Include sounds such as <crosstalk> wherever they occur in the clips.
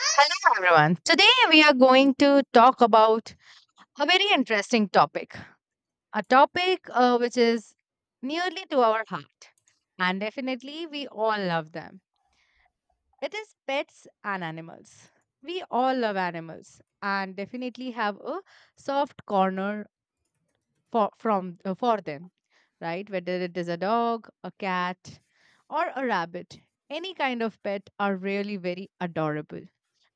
Hello, everyone. Today we are going to talk about a very interesting topic, a topic which is nearly to our heart. And definitely, we all love them. It is pets and animals. We all love animals and definitely have a soft corner for them, right? Whether it is a dog, a cat, or a rabbit, any kind of pet are really very adorable,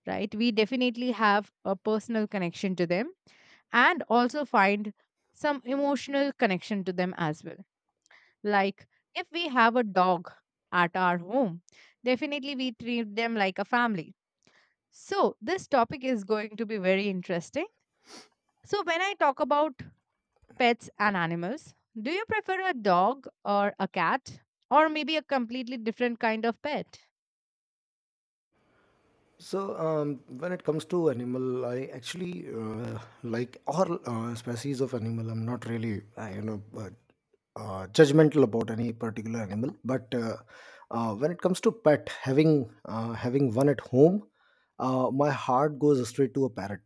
right? We definitely have a personal connection to them and also find some emotional connection to them as well. Like if we have a dog at our home, definitely we treat them like a family. So, this topic is going to be very interesting. So, when I talk about pets and animals, do you prefer a dog or a cat? Or maybe a completely different kind of pet? So, when it comes to animal, I actually like all species of animal. I'm not really, judgmental about any particular animal. But when it comes to pet, having one at home, my heart goes straight to a parrot.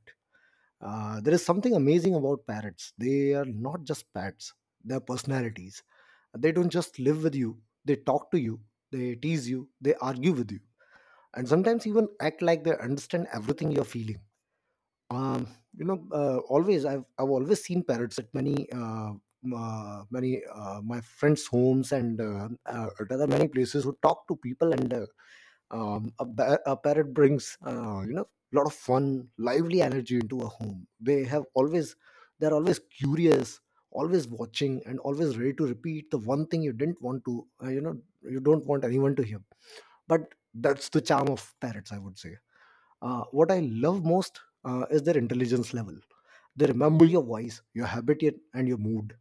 There is something amazing about parrots. They are not just pets; they're personalities. They don't just live with you. They talk to you. They tease you. They argue with you, and sometimes even act like they understand everything you're feeling. um, Always I've always seen parrots at many my friends' homes, and at other many places who talk to people. And a parrot brings, a lot of fun, lively energy into a home. They have always curious, always watching, and always ready to repeat the one thing you didn't want to you know you don't want anyone to hear. But that's the charm of parrots, I would say. What I love most, is their intelligence level. They remember your voice, your habit, and your mood.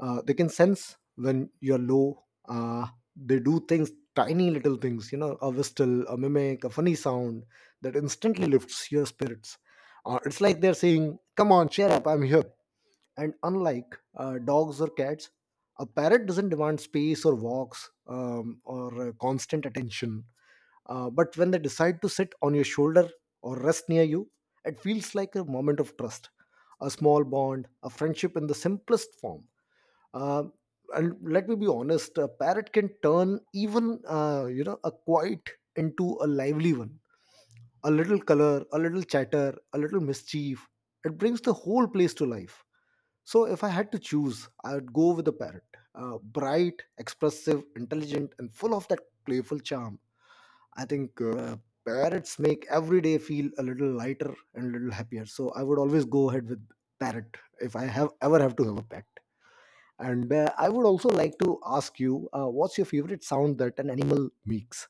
They can sense when you're low. Uh, they do things, tiny little things, a whistle, a mimic, a funny sound that instantly lifts your spirits. It's like they're saying, "Come on, cheer up, I'm here." And unlike dogs or cats, a parrot doesn't demand space or walks, or constant attention. But when they decide to sit on your shoulder or rest near you, it feels like a moment of trust, a small bond, a friendship in the simplest form. Uh, and let me be honest, a parrot can turn even, a quiet into a lively one. A little color, a little chatter, a little mischief. It brings the whole place to life. So if I had to choose, I would go with the parrot. Bright, expressive, intelligent, and full of that playful charm. I think parrots make every day feel a little lighter and a little happier. So I would always go ahead with parrot if I have ever have to have a pet. And I would also like to ask you, what's your favorite sound that an animal makes?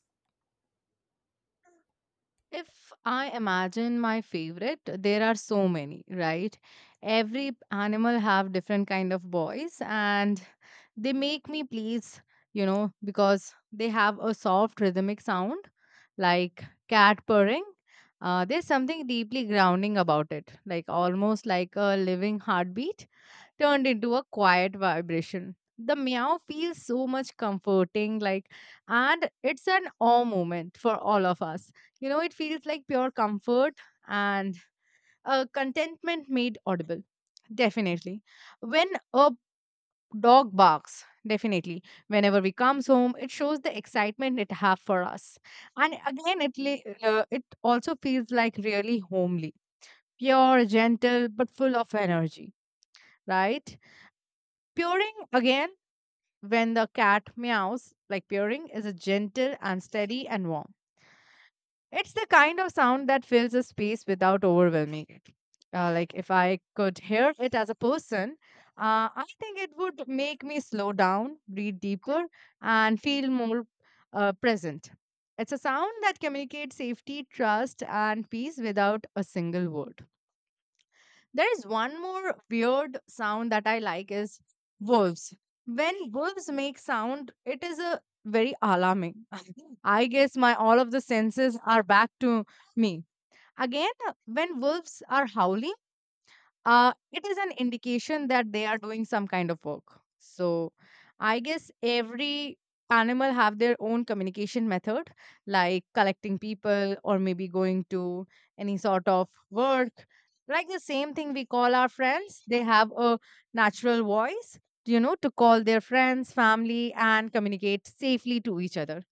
If I imagine my favorite, there are so many, right? Every animal have different kind of voice and they make me please, you know, because they have a soft rhythmic sound like cat purring. There's something deeply grounding about it, like almost like a living heartbeat turned into a quiet vibration. The meow feels so much comforting, like, and it's an awe moment for all of us. You know, it feels like pure comfort and a contentment made audible. Definitely. When a dog barks, definitely. Whenever we comes home, it shows the excitement it have for us. And again, it also feels like really homely, pure, gentle, but full of energy, right? Puring again when the cat meows, like purring, is a gentle and steady and warm. It's the kind of sound that fills a space without overwhelming it. Like if I could hear it as a person, I think it would make me slow down, breathe deeper, and feel more present. It's a sound that communicates safety, trust, and peace without a single word. There is one more weird sound that I like is wolves. When wolves make sound, it is a very alarming. <laughs> I guess my all of the senses are back to me. Again, when wolves are howling, it is an indication that they are doing some kind of work. So I guess every animal have their own communication method, like collecting people or maybe going to any sort of work, like the same thing we call our friends. They have a natural voice, you know, to call their friends, family and communicate safely to each other,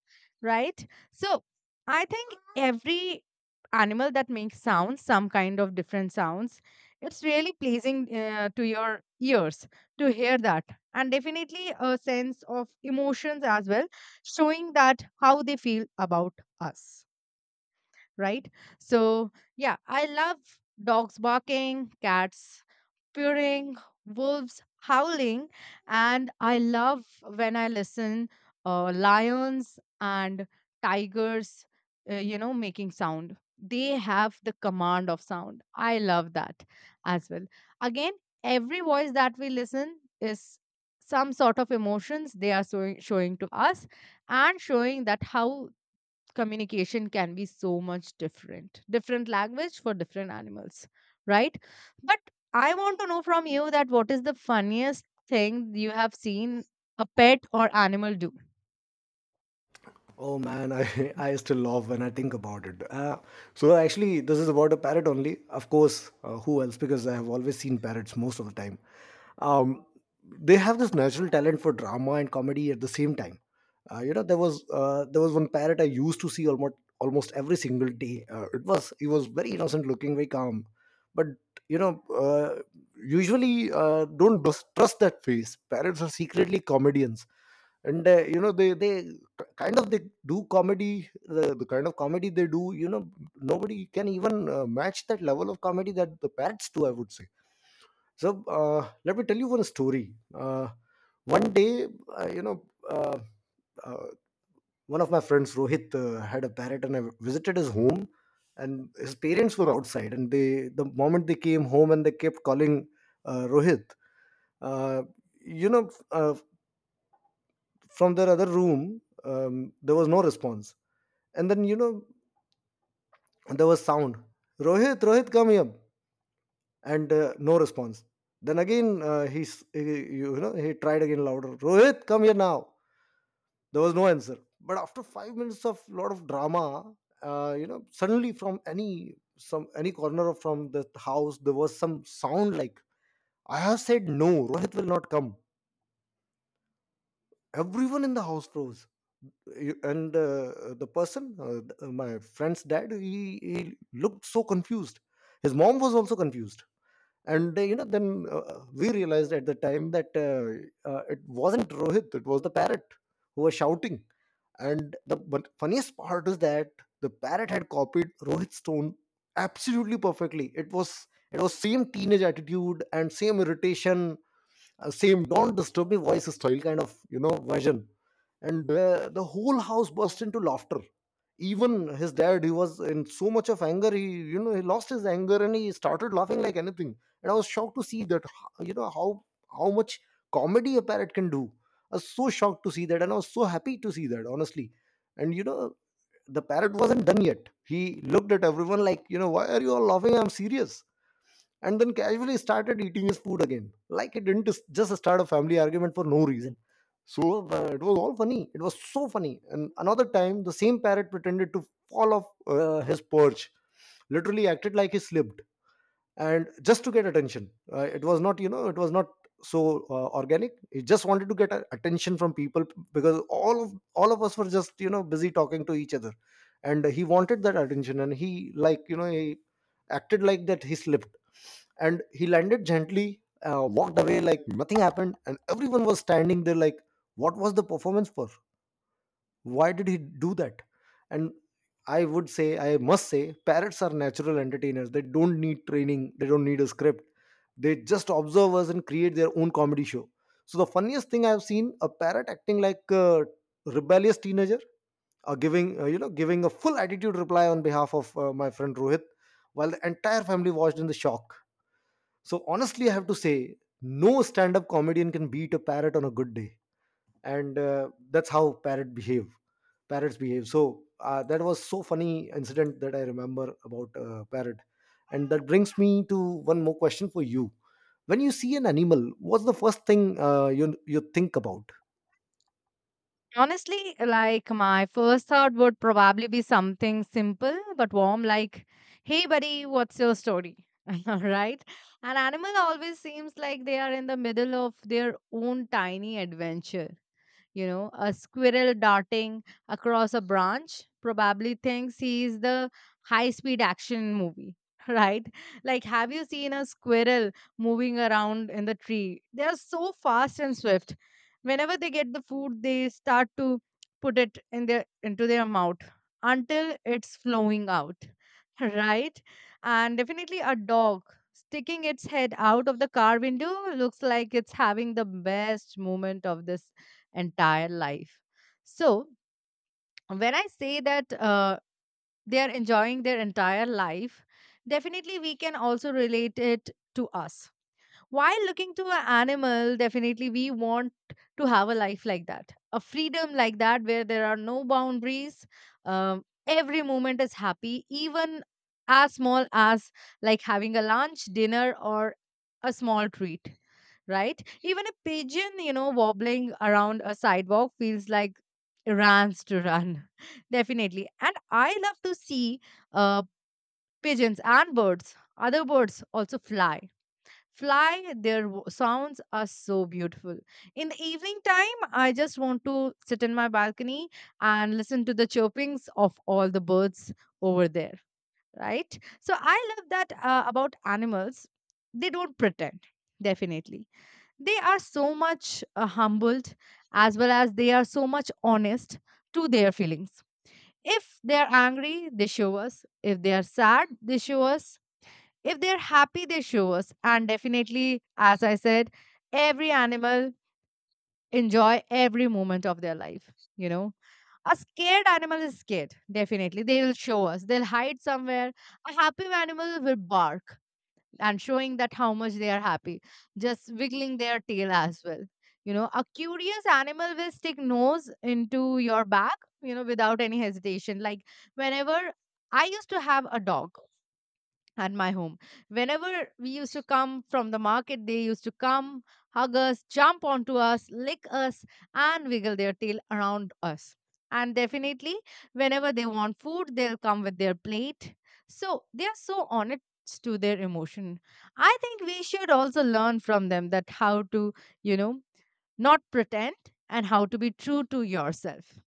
right? So I think every animal that makes sounds some kind of different sounds, it's really pleasing to your ears to hear that, and definitely a sense of emotions as well, showing that how they feel about us, right? So, yeah, I love dogs barking, cats purring, wolves howling, and I love when I listen lions and tigers, you know, making sound. They have the command of sound. I love that as well. Again, every voice that we listen is some sort of emotions they are showing, showing to us and showing that how communication can be so much different language for different animals, right? But I want to know from you that what is the funniest thing you have seen a pet or animal do. Oh man, I, <laughs> I still love when I think about it. So actually, this is about a parrot only. Of course, who else? Because I have always seen parrots most of the time. Um, they have this natural talent for drama and comedy at the same time. There was one parrot I used to see almost every single day. It was he was very innocent looking, very calm. But you know, uh, usually, don't trust that face. Parrots are secretly comedians, and they kind of they do comedy. The kind of comedy they do, nobody can even match that level of comedy that the parrots do, I would say. So, let me tell you one story. uh, One day, uh, you know uh, uh, one of my friends, Rohit, had a parrot, and I visited his home. And his parents were outside, and the moment they came home, and they kept calling, Rohit, uh, you know uh, from their other room. Um, there was no response. And then, there was sound, "Rohit, Rohit, come here!" And no response. Then again, he, s- he you know he tried again, louder, "Rohit, come here now!" There was no answer, but after 5 minutes of lot of drama, suddenly, from any some any corner of from the house, there was some sound like, "I have said no, Rohit will not come!" Everyone in the house froze. You- and the person th- my friend's dad, he looked so confused. His mom was also confused. And then, we realized at the time that, it wasn't Rohit, it was the parrot who was shouting. And the but funniest part is that the parrot had copied Rohit's tone absolutely perfectly. It was same teenage attitude and same irritation, same "don't disturb me" voice style, kind of, version. And the whole house burst into laughter. Even his dad, he was in so much of anger, he you know he lost his anger and he started laughing like anything. And I was shocked to see that h- you know how much comedy a parrot can do. I was so shocked to see that, and I was so happy to see that, honestly. And the parrot wasn't done yet. He looked at everyone like, "Why are you all laughing? I'm serious." And then casually started eating his food again, like he didn't just start a family argument for no reason. So, it was all funny, it was so funny. And another time, the same parrot pretended to fall off his perch, literally acted like he slipped, and just to get attention. It was not, so organic; he just wanted to get attention from people, because all of us were just, busy talking to each other. And he wanted that attention, and he, like, you know he acted like that he slipped, and he landed gently, walked away like nothing happened. And everyone was standing there like, "What was the performance for? Why did he do that?" And I would say, I must say, parrots are natural entertainers. They don't need training, they don't need a script. They just observe us and create their own comedy show. So, the funniest thing I've seen, a parrot acting like a rebellious teenager, or giving a full attitude reply on behalf of my friend Rohit, while the entire family watched in the shock. So, honestly, I have to say, no stand up comedian can beat a parrot on a good day. And that's how parrots behave. So, that was so funny incident that I remember about parrot. And that brings me to one more question for you. When you see an animal, what's the first thing you think about? Honestly, like my first thought would probably be something simple but warm, like hey buddy, what's your story? <laughs> Right? An animal always seems like they are in the middle of their own tiny adventure. You know, a squirrel darting across a branch probably thinks he is the high speed action movie. <laughs> Right? Like, have you seen a squirrel moving around in the tree? They are so fast and swift. Whenever they get the food, they start to put it in their into their mouth until it's flowing out. <laughs> Right? And definitely a dog sticking its head out of the car window looks like it's having the best moment of this entire life. So when I say that they are enjoying their entire life, definitely we can also relate it to us. While looking to an animal, definitely we want to have a life like that, a freedom like that, where there are no boundaries. Every moment is happy, even as small as like having a lunch, dinner, or a small treat, right? Even a pigeon, you know, wobbling around a sidewalk feels like runs to run, <laughs> definitely. And I love to see uh, pigeons and birds, other birds also fly their w- sounds are so beautiful. In the evening time I just want to sit in my balcony and listen to the chirpings of all the birds over there, right? So I love that about animals. They don't pretend, definitely. They are so much humbled as well as they are so much honest to their feelings. If they are angry they show us, if they are sad they show us, if they're happy, they show us. And definitely, as I said, every animal enjoy every moment of their life, you know. A scared animal is scared, definitely. They will show us. They'll hide somewhere. A happy animal will bark and showing that how much they are happy, just wiggling their tail as well. You know, a curious animal will stick nose into your back, you know, without any hesitation. Like whenever I used to have a dog, and my home. Whenever we used to come from the market, they used to come, hug us, jump onto us, lick us, and wiggle their tail around us. And definitely, whenever they want food, they'll come with their plate. So they are so honest to their emotion. I think we should also learn from them that how to, you know, not pretend and how to be true to yourself.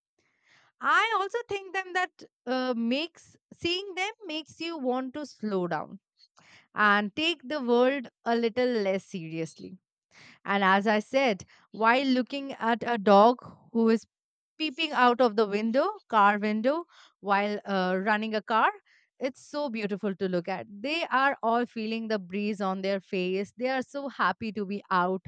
I also think them that makes seeing them makes you want to slow down and take the world a little less seriously. And as I said, while looking at a dog who is peeping out of the window, car window, while running a car. It's so beautiful to look at. They are all feeling the breeze on their face. They are so happy to be out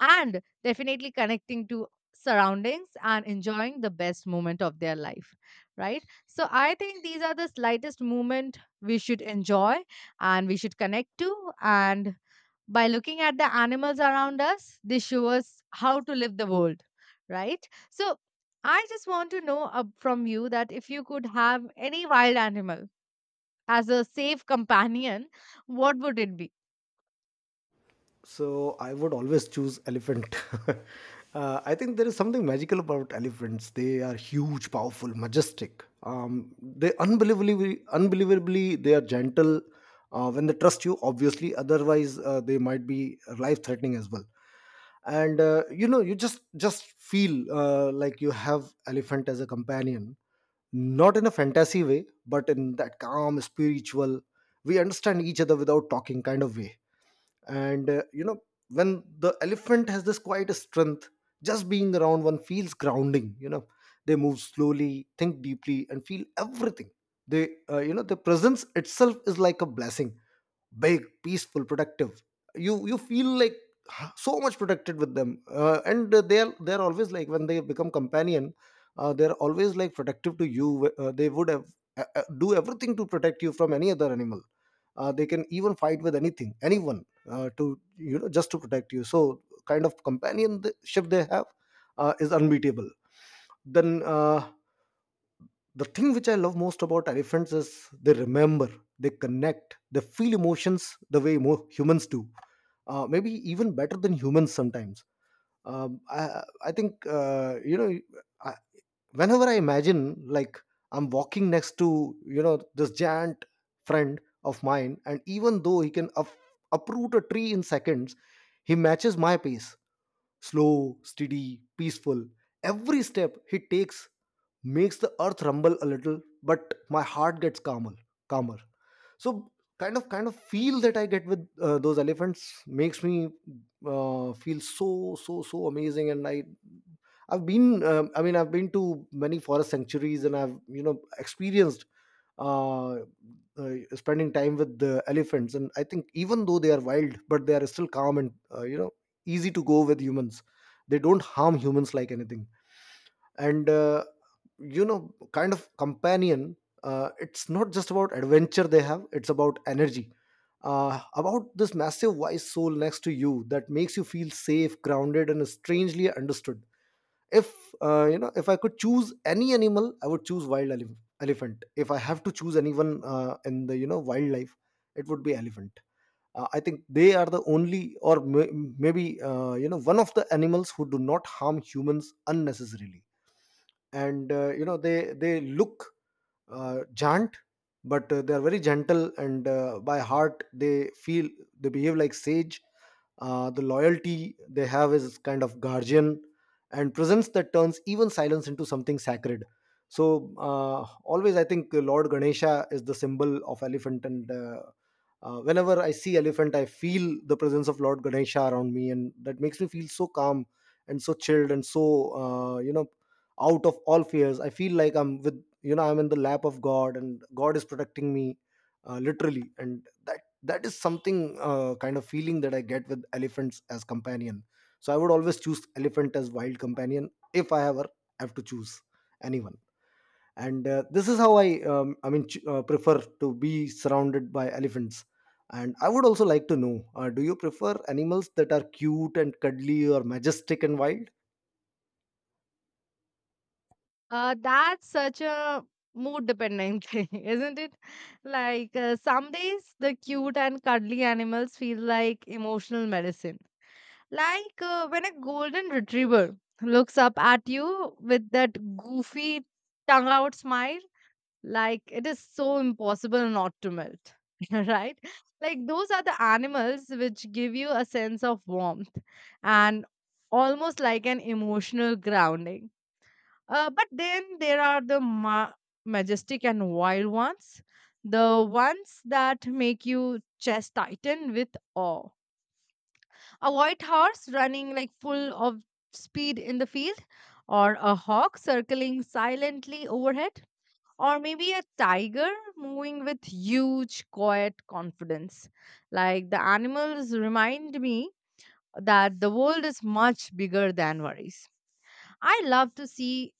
and definitely connecting to surroundings and enjoying the best moment of their life, right? So I think these are the slightest moment we should enjoy and we should connect to and by looking at the animals around us, they show us how to live the world, right? So I just want to know from you that if you could have any wild animal as a safe companion, what would it be? So I would always choose elephant. <laughs> I think there is something magical about elephants. They are huge, powerful, majestic. They, unbelievably, unbelievably, they are gentle. When they trust you, obviously. Otherwise, they might be life-threatening as well. And you just feel, like you have elephant as a companion, not in a fantasy way, but in that calm, spiritual. We understand each other without talking, kind of way. And when the elephant has this quiet strength, just being around one feels grounding. They move slowly, think deeply, and feel everything. They uh, you know their presence itself is like a blessing, big, peaceful, productive. You feel like, <sighs> so much protected with them. And they're always, like, when they become companion, they're always like protective to you. They would have, do everything to protect you from any other animal. They can even fight with anything, anyone, to, just to protect you. So kind of companionship they have, is unbeatable. Then, the thing which I love most about elephants is, they remember, they connect, they feel emotions the way more humans do. Maybe even better than humans sometimes. Um, I, I think, I, whenever I imagine, like, I'm walking next to, this giant friend of mine. And even though he can uproot a tree in seconds, he matches my pace, slow, steady, peaceful. Every step he takes makes the earth rumble a little, but my heart gets calmer. So kind of feel that I get with those elephants makes me, feel so, so, so amazing. And I mean, I've been to many forest sanctuaries, and I've, experienced, uh, spending time with the elephants. And I think, even though they are wild, but they are still calm, and easy to go with humans. They don't harm humans like anything. And kind of companion, it's not just about adventure they have, it's about energy. About this massive, wise soul next to you that makes you feel safe, grounded, and strangely understood. If if I could choose any animal, I would choose wild elephant. If I have to choose anyone in the, Wildlife, it would be elephant. I think they are the only or maybe one of the animals who do not harm humans unnecessarily. And they look chant, but they are very gentle, and by heart they feel, they behave like sage. The loyalty they have is kind of guardian, and presence that turns even silence into something sacred. So always I think Lord Ganesha is the symbol of elephant, and whenever I see elephant I feel the presence of Lord Ganesha around me, and that makes me feel so calm, and so chilled, and so uh, you know out of all fears I feel like I'm with, you know, I'm in the lap of God and God is protecting me, literally. And that is something, kind of feeling, that I get with elephants as companion. So I would always choose elephant as wild companion, if I ever have to choose anyone. And this is how I prefer to be surrounded by elephants. And I would also like to know, do you prefer animals that are cute and cuddly, or majestic and wild? That's such a mood dependent <laughs> thing, isn't it? Like some days the cute and cuddly animals feel like emotional medicine. Like when a golden retriever looks up at you with that goofy tongue out smile. Like, it is so impossible not to melt, <laughs> right? Like, those are the animals which give you a sense of warmth and almost like an emotional grounding. But then there are the majestic and wild ones, the ones that make you chest tighten with awe. A white horse running like full of speed in the field, or a hawk circling silently overhead, or maybe a tiger moving with huge, quiet confidence. Like the animals remind me that the world is much bigger than worries. I love to see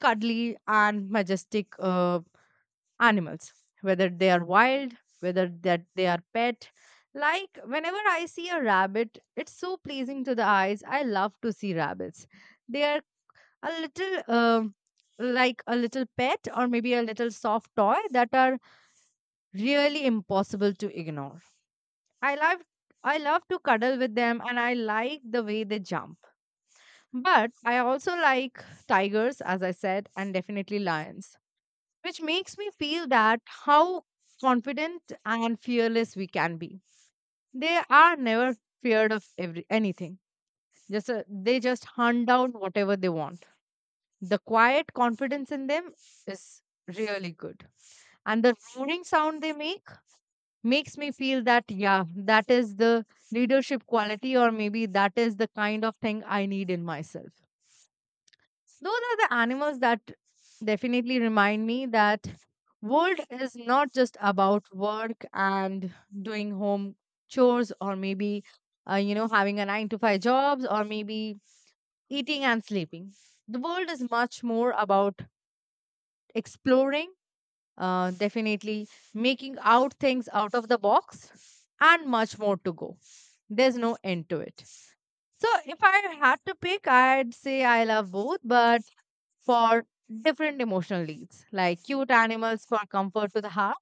cuddly and majestic animals, whether they are wild, whether that they are pet. Like whenever I see a rabbit, it's so pleasing to the eyes. I love to see rabbits. They are a little. Um, like a little pet or maybe a little soft toy that are really impossible to ignore. I love I love to cuddle with them and I like the way they jump. But I also like tigers as I said and definitely lions, which makes me feel that how confident and fearless we can be. They are never feared of every anything. Just they just hunt down whatever they want. The quiet confidence in them is really good. And the roaring sound they make makes me feel that yeah, that is the leadership quality or maybe that is the kind of thing I need in myself. Those are the animals that definitely remind me that world is not just about work and doing home chores or maybe you know, having a 9 to 5 jobs or maybe eating and sleeping. The world is much more about exploring, definitely making out things out of the box, and much more to go. There's no end to it. So if I had to pick, I'd say I love both, but for different emotional needs, like cute animals for comfort to the heart,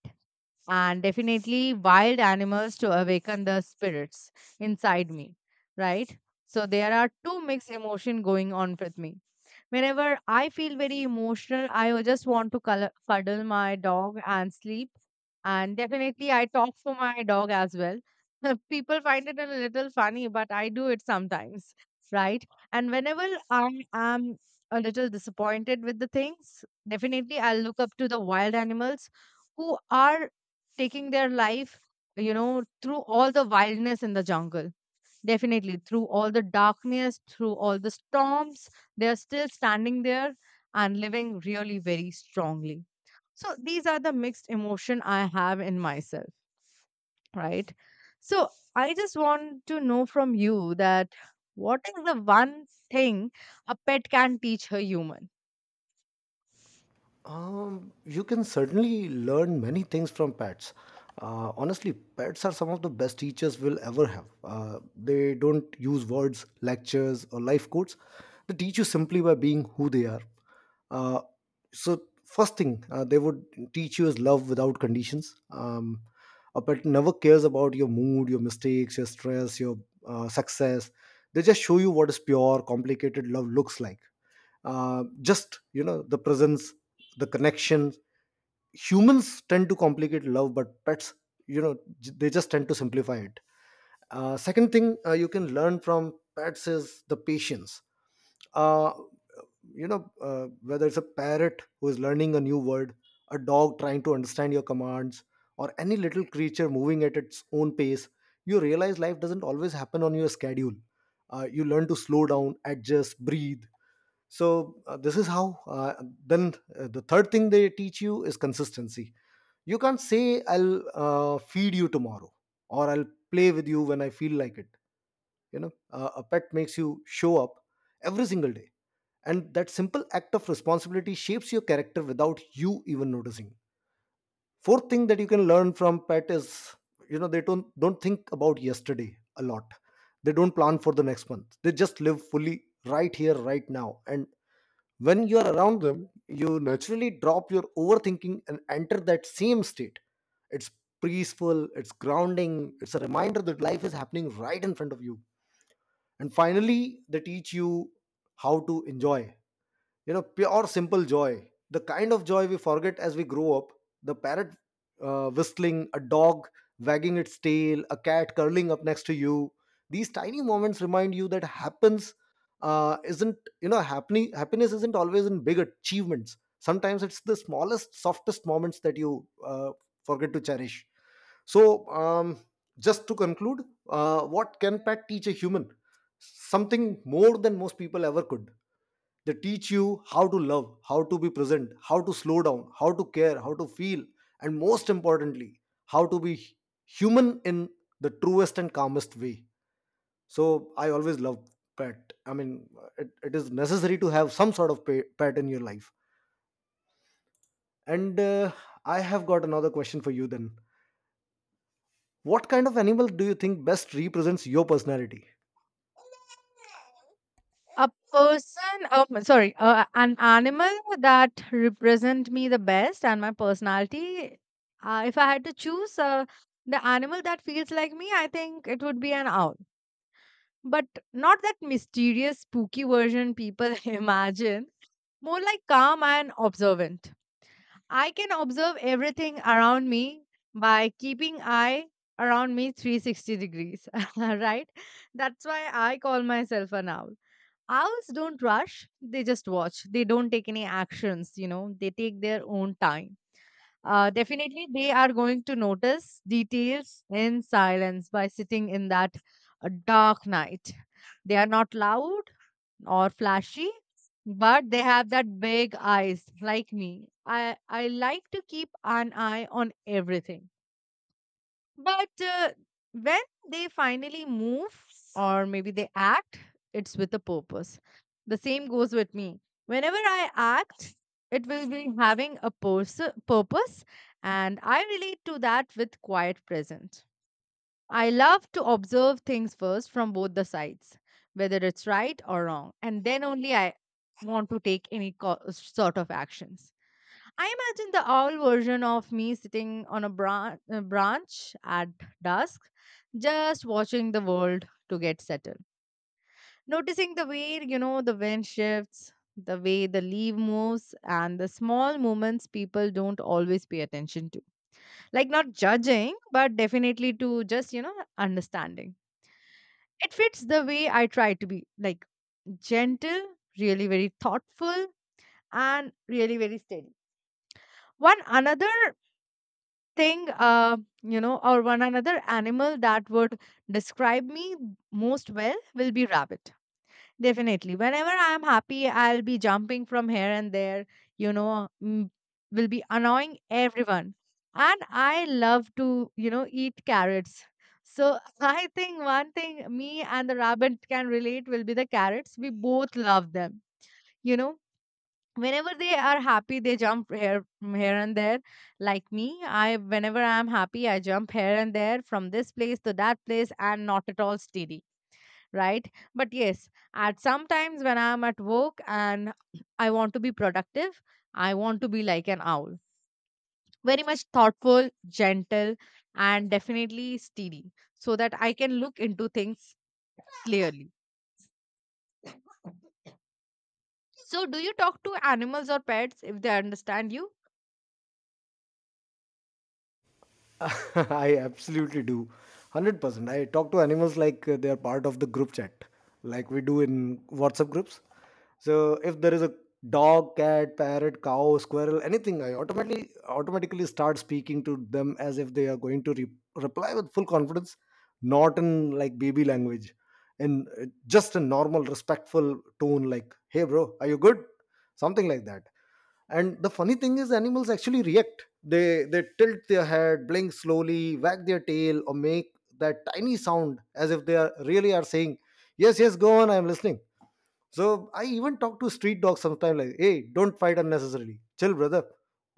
and definitely wild animals to awaken the spirits inside me, right? So there are two mixed emotion going on with me. Whenever I feel very emotional, I will just want to color, cuddle my dog and sleep. And definitely, I talk for my dog as well. <laughs> People find it a little funny, but I do it sometimes, right? And whenever I am a little disappointed with the things, definitely I'll look up to the wild animals who are taking their life, through all the wildness in the jungle. Definitely, through all the darkness, through all the storms, they are still standing there and living really very strongly. So these are the mixed emotion I have in myself, right? So I just want to know from you that what is the one thing a pet can teach a human? You can certainly learn many things from pets. Honestly, pets are some of the best teachers we'll ever have. They don't use words, lectures, or life quotes. They teach you simply by being who they are. Uh, so, first thing, they would teach you is love without conditions. A pet never cares about your mood, your mistakes, your stress, your success. They just show you what is pure, complicated love looks like. Just, you know, the presence, the connections. Humans tend to complicate love, but pets, you know, they just tend to simplify it. Second thing, you can learn from pets is the patience. uh, Whether it's a parrot who is learning a new word, a dog trying to understand your commands, or any little creature moving at its own pace, you realize life doesn't always happen on your schedule. You learn to slow down, adjust, breathe. So this is how then the third thing they teach you is consistency. You can't say, I'll feed you tomorrow, or I'll play with you when I feel like it. You know, a pet makes you show up every single day, and that simple act of responsibility shapes your character without you even noticing. Fourth thing that you can learn from pet is, you know, they don't think about yesterday a lot. They don't plan for the next month, they just live fully, right here, right now. And when you are around them, you naturally drop your overthinking and enter that same state. It's peaceful, it's grounding, it's a reminder that life is happening right in front of you. And finally, they teach you how to enjoy, you know, pure simple joy, the kind of joy we forget as we grow up. The parrot whistling, a dog wagging its tail, a cat curling up next to you, these tiny moments remind you that happens isn't you know happening happiness isn't always in big achievements, sometimes it's the smallest softest moments that you forget to cherish. So just to conclude, what can pet teach a human? Something more than most people ever could. They teach you how to love, how to be present, how to slow down, how to care, how to feel, and most importantly, how to be human in the truest and calmest way. So I always love pet. I mean, it is necessary to have some sort of pet in your life. And I have got another question for you then. What kind of animal do you think best represents your personality? A person sorry An animal that represent me the best and my personality. If I had to choose, the animal that feels like me, I think it would be an owl, but not that mysterious spooky version people <laughs> imagine. More like calm and observant. I can observe everything around me by keeping eye around me 360 degrees. <laughs> Right, that's why I call myself an owl. Owls don't rush, they just watch. They don't take any actions, you know, they take their own time. Definitely, they are going to notice details in silence by sitting in that dark night. They are not loud or flashy, but they have that big eyes like me. I like to keep an eye on everything. But when they finally move or maybe they act, it's with a purpose. The same goes with me. Whenever I act, it will be having a purpose, and I relate to that with quiet present. I love to observe things first from both the sides, whether it's right or wrong, and then only I want to take any sort of actions. I imagine the owl version of me sitting on a a branch at dusk, just watching the world to get settled. Noticing the way, you know, the wind shifts, the way the leaf moves, and the small movements people don't always pay attention to. Like, not judging, but definitely to just, you know, understanding. It fits the way I try to be, like gentle, really very thoughtful, and really very steady. One another thing, you know, or one another animal that would describe me most well will be rabbit. Definitely whenever I'm happy, I'll be jumping from here and there, you know, will be annoying everyone. And I love to, you know, eat carrots. So <laughs> I think one thing me and the rabbit can relate will be the carrots, we both love them, you know. Whenever they are happy, they jump here and there, like me. I whenever i'm happy, I jump here and there from this place to that place, and not at all steady, right? But yes, at sometimes when I'm at work and I want to be productive, I want to be like an owl, very much thoughtful, gentle, and definitely steady, so that I can look into things clearly. So, do you talk to animals or pets if they understand you? <laughs> I absolutely do. 100%. I talk to animals like they are part of the group chat, like we do in WhatsApp groups. So if there is a dog, cat, parrot, cow, squirrel, anything, I automatically start speaking to them as if they are going to reply with full confidence, not in like baby language, in just a normal respectful tone like, "Hey bro, are you good?" Something like that. And the funny thing is, animals actually react. They tilt their head, blink slowly, wag their tail, or make that tiny sound as if they are really are saying, yes, yes, go on, I am listening. So I even talk to street dogs sometimes like, hey, don't fight unnecessarily, chill brother.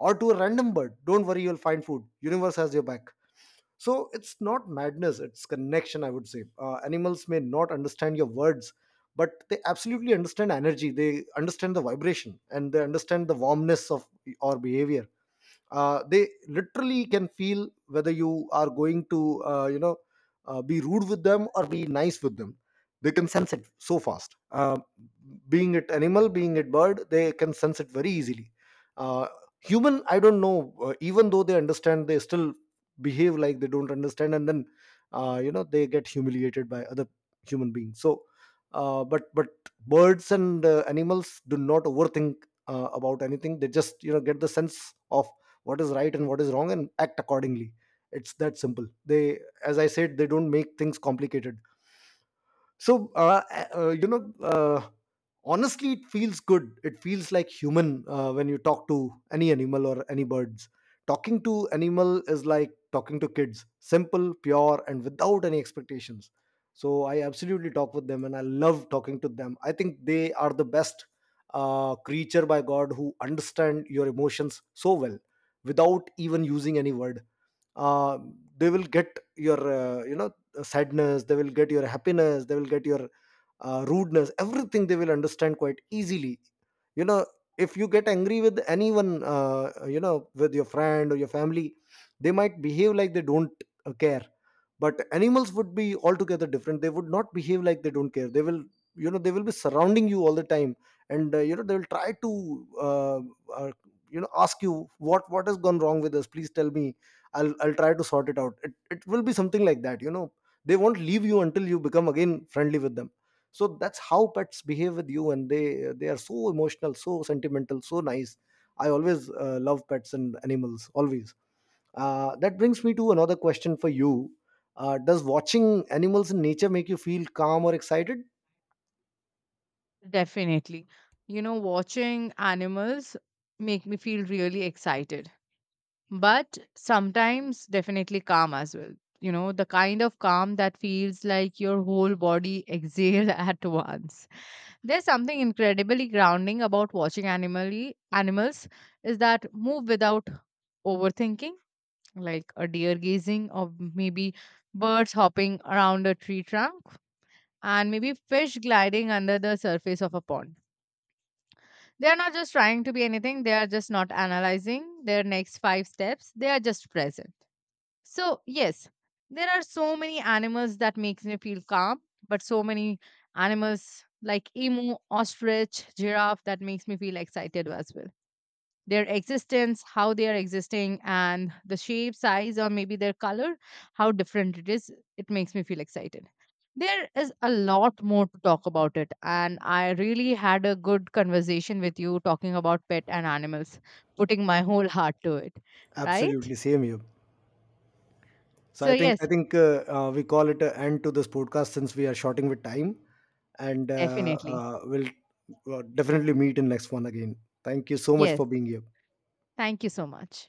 Or to a random bird, don't worry, you'll find food, universe has your back. So it's not madness, it's connection, I would say. Animals may not understand your words, but they absolutely understand energy. They understand the vibration, and they understand the warmness of our behavior. They literally can feel whether you are going to be rude with them or be nice with them. They can sense it so fast. Being it animal, being it bird, they can sense it very easily. uh, Human, I don't know, even though they understand, they still behave like they don't understand, and then you know, they get humiliated by other human beings. So but birds and animals do not overthink about anything. They just, you know, get the sense of what is right and what is wrong and act accordingly. It's that simple. They, as I said, they don't make things complicated. So honestly, it feels good, it feels like human. When you talk to any animal or any birds, talking to animal is like talking to kids, simple, pure, and without any expectations. So I absolutely talk with them and I love talking to them. I think they are the best creature by God who understand your emotions so well without even using any word. uh, they will get your, sadness, they will get your happiness, they will get your rudeness, everything they will understand quite easily. You know, if you get angry with anyone, with your friend or your family, they might behave like they don't care. But animals would be altogether different. They would not behave like they don't care. They will, you know, they will be surrounding you all the time, and you know, they will try to uh, ask you, what has gone wrong with us, please tell me, I'll try to sort it out. It will be something like that, you know. They won't leave you until you become again friendly with them. So that's how pets behave with you. And they are so emotional, so sentimental, so nice. I always love pets and animals, always. That brings me to another question for you. Does watching animals in nature make you feel calm or excited? Definitely. You know, watching animals make me feel really excited, but sometimes definitely calm as well. You know, the kind of calm that feels like your whole body exhale <laughs> at once. There's something incredibly grounding about watching animals is that move without overthinking, like a deer gazing, or maybe birds hopping around a tree trunk, and maybe fish gliding under the surface of a pond. They are not just trying to be anything, they are just not analyzing their next 5 steps. They are just present. So, yes, there are so many animals that makes me feel calm, but so many animals like emu, ostrich, giraffe that makes me feel excited as well. Their existence, how they are existing, and the shape, size, or maybe their color, how different it is. It makes me feel excited. There is a lot more to talk about it, and I really had a good conversation with you talking about pet and animals, putting my <laughs> whole heart to it, right? Absolutely, same here. So So, I think I yes, think uh, uh, we call it an end to this podcast since we are shorting with time, and definitely. We'll definitely meet in next one again. Thank you so much Yes, for being here. thank you so much.